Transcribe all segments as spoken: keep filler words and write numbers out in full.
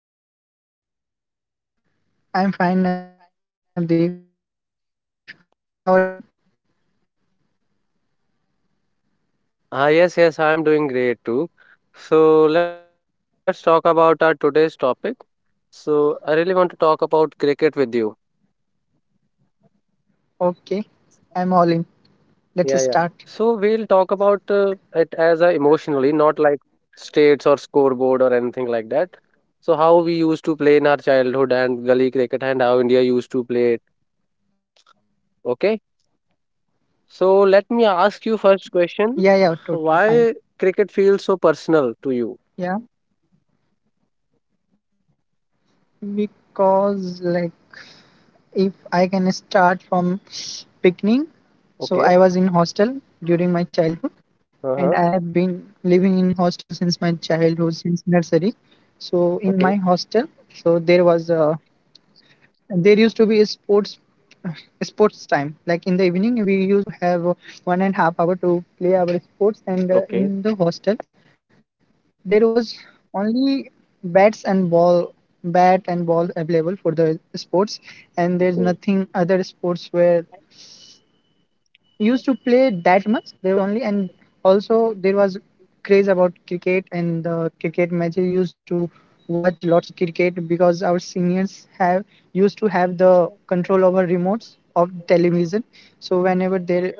Hello. Hello, Vishal. How are you? I'm fine, Navdeep. How are you? Ah, yes, yes, I'm doing great too. So let's talk about our today's topic. So I really want to talk about cricket with you. Okay, I'm all in. Yeah, Let's yeah. start. So we'll talk about uh, it as a emotionally, not like states or scoreboard or anything like that. So how we used to play in our childhood and gully cricket and how India used to play it. Okay. So let me ask you first question. Yeah, yeah, totally fine. Why cricket feels so personal to you? Yeah, because like if I can start from beginning, so Okay. I was in hostel during my childhood, and Uh-huh. I have been living in hostel since my childhood, since nursery. So in my Okay. hostel, so there was a there used to be a sports sports time like in the evening we used to have uh, one and a half hour to play our sports and uh, in Okay, the hostel there was only bats and ball bat and ball available for the sports, and there's nothing okay. other sports were used to play that much. There was only and Also there was craze about cricket and the cricket matches. Used to watch lots of cricket because our seniors have used to have the control over remotes of television. So whenever there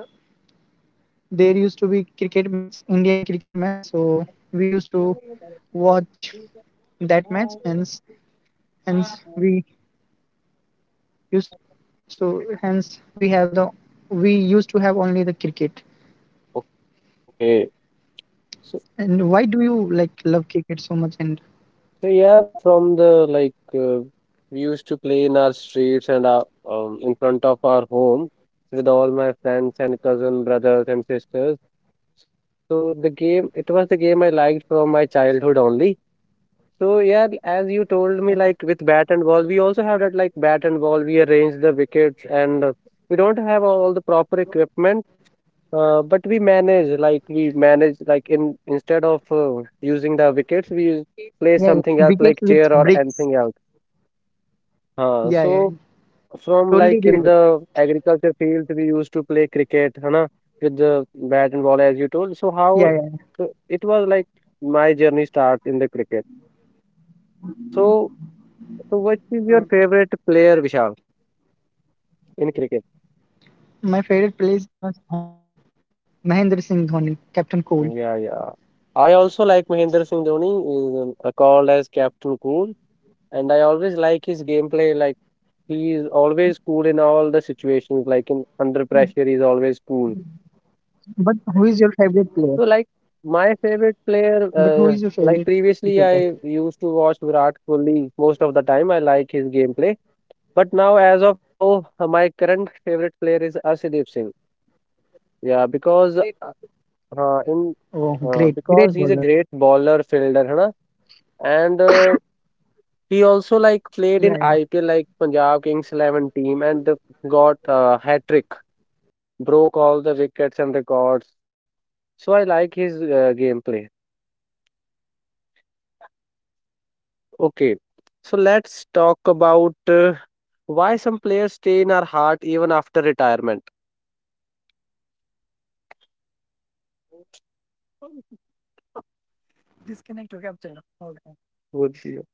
there used to be cricket match, Indian cricket match. So we used to watch that match, and hence we used so hence we have the we used to have only the cricket. Okay. So, And why do you like love cricket so much? And so yeah, from the like uh, we used to play in our streets and our, um, in front of our home with all my friends and cousin brothers and sisters. So the game, it was the game I liked from my childhood only. So yeah, as you told me, like Yeah, with bat and ball, we also have that like bat and ball. We arrange the wickets, and uh, we don't have all the proper equipment, uh, but we manage. Like we manage, like in instead of uh, using the wickets, we use, play yeah, yeah. something else like chair Wickets or with anything else. bricks. Uh, so Yeah, yeah, from like totally in relatable. the agriculture field, we used to play cricket, है ना, with the bat and ball, as you told. So how Yeah, yeah. uh, it was like my journey start in the cricket. So So what is your favorite player, Vishal, in cricket? My favorite player is M S Dhoni, Mahendra Singh Dhoni, Captain Yeah, Cold. yeah. I also like Mahendra Singh Dhoni, is uh, called as Captain Cool, and I always like his gameplay. Like he is always cool in all the situations. Like in under pressure, he's always cool. But who is your favorite player? So like my favorite player, But who is your uh, favorite like previously cricketer? I used to watch Virat Kohli most of the time. I like his gameplay, but now as of now, uh, my current favorite player is Arshdeep Singh. Yeah, because हाँ, in Oh, uh, great, great because he's bowler. a great bowler fielder, है ना? And uh, he also like played Yeah, in yeah. I P L like Punjab Kings eleven team and got uh, hat trick, broke all the wickets and records. So I like his uh, gameplay. Okay, so let's talk about uh, why some players stay in our heart even after retirement. Would you?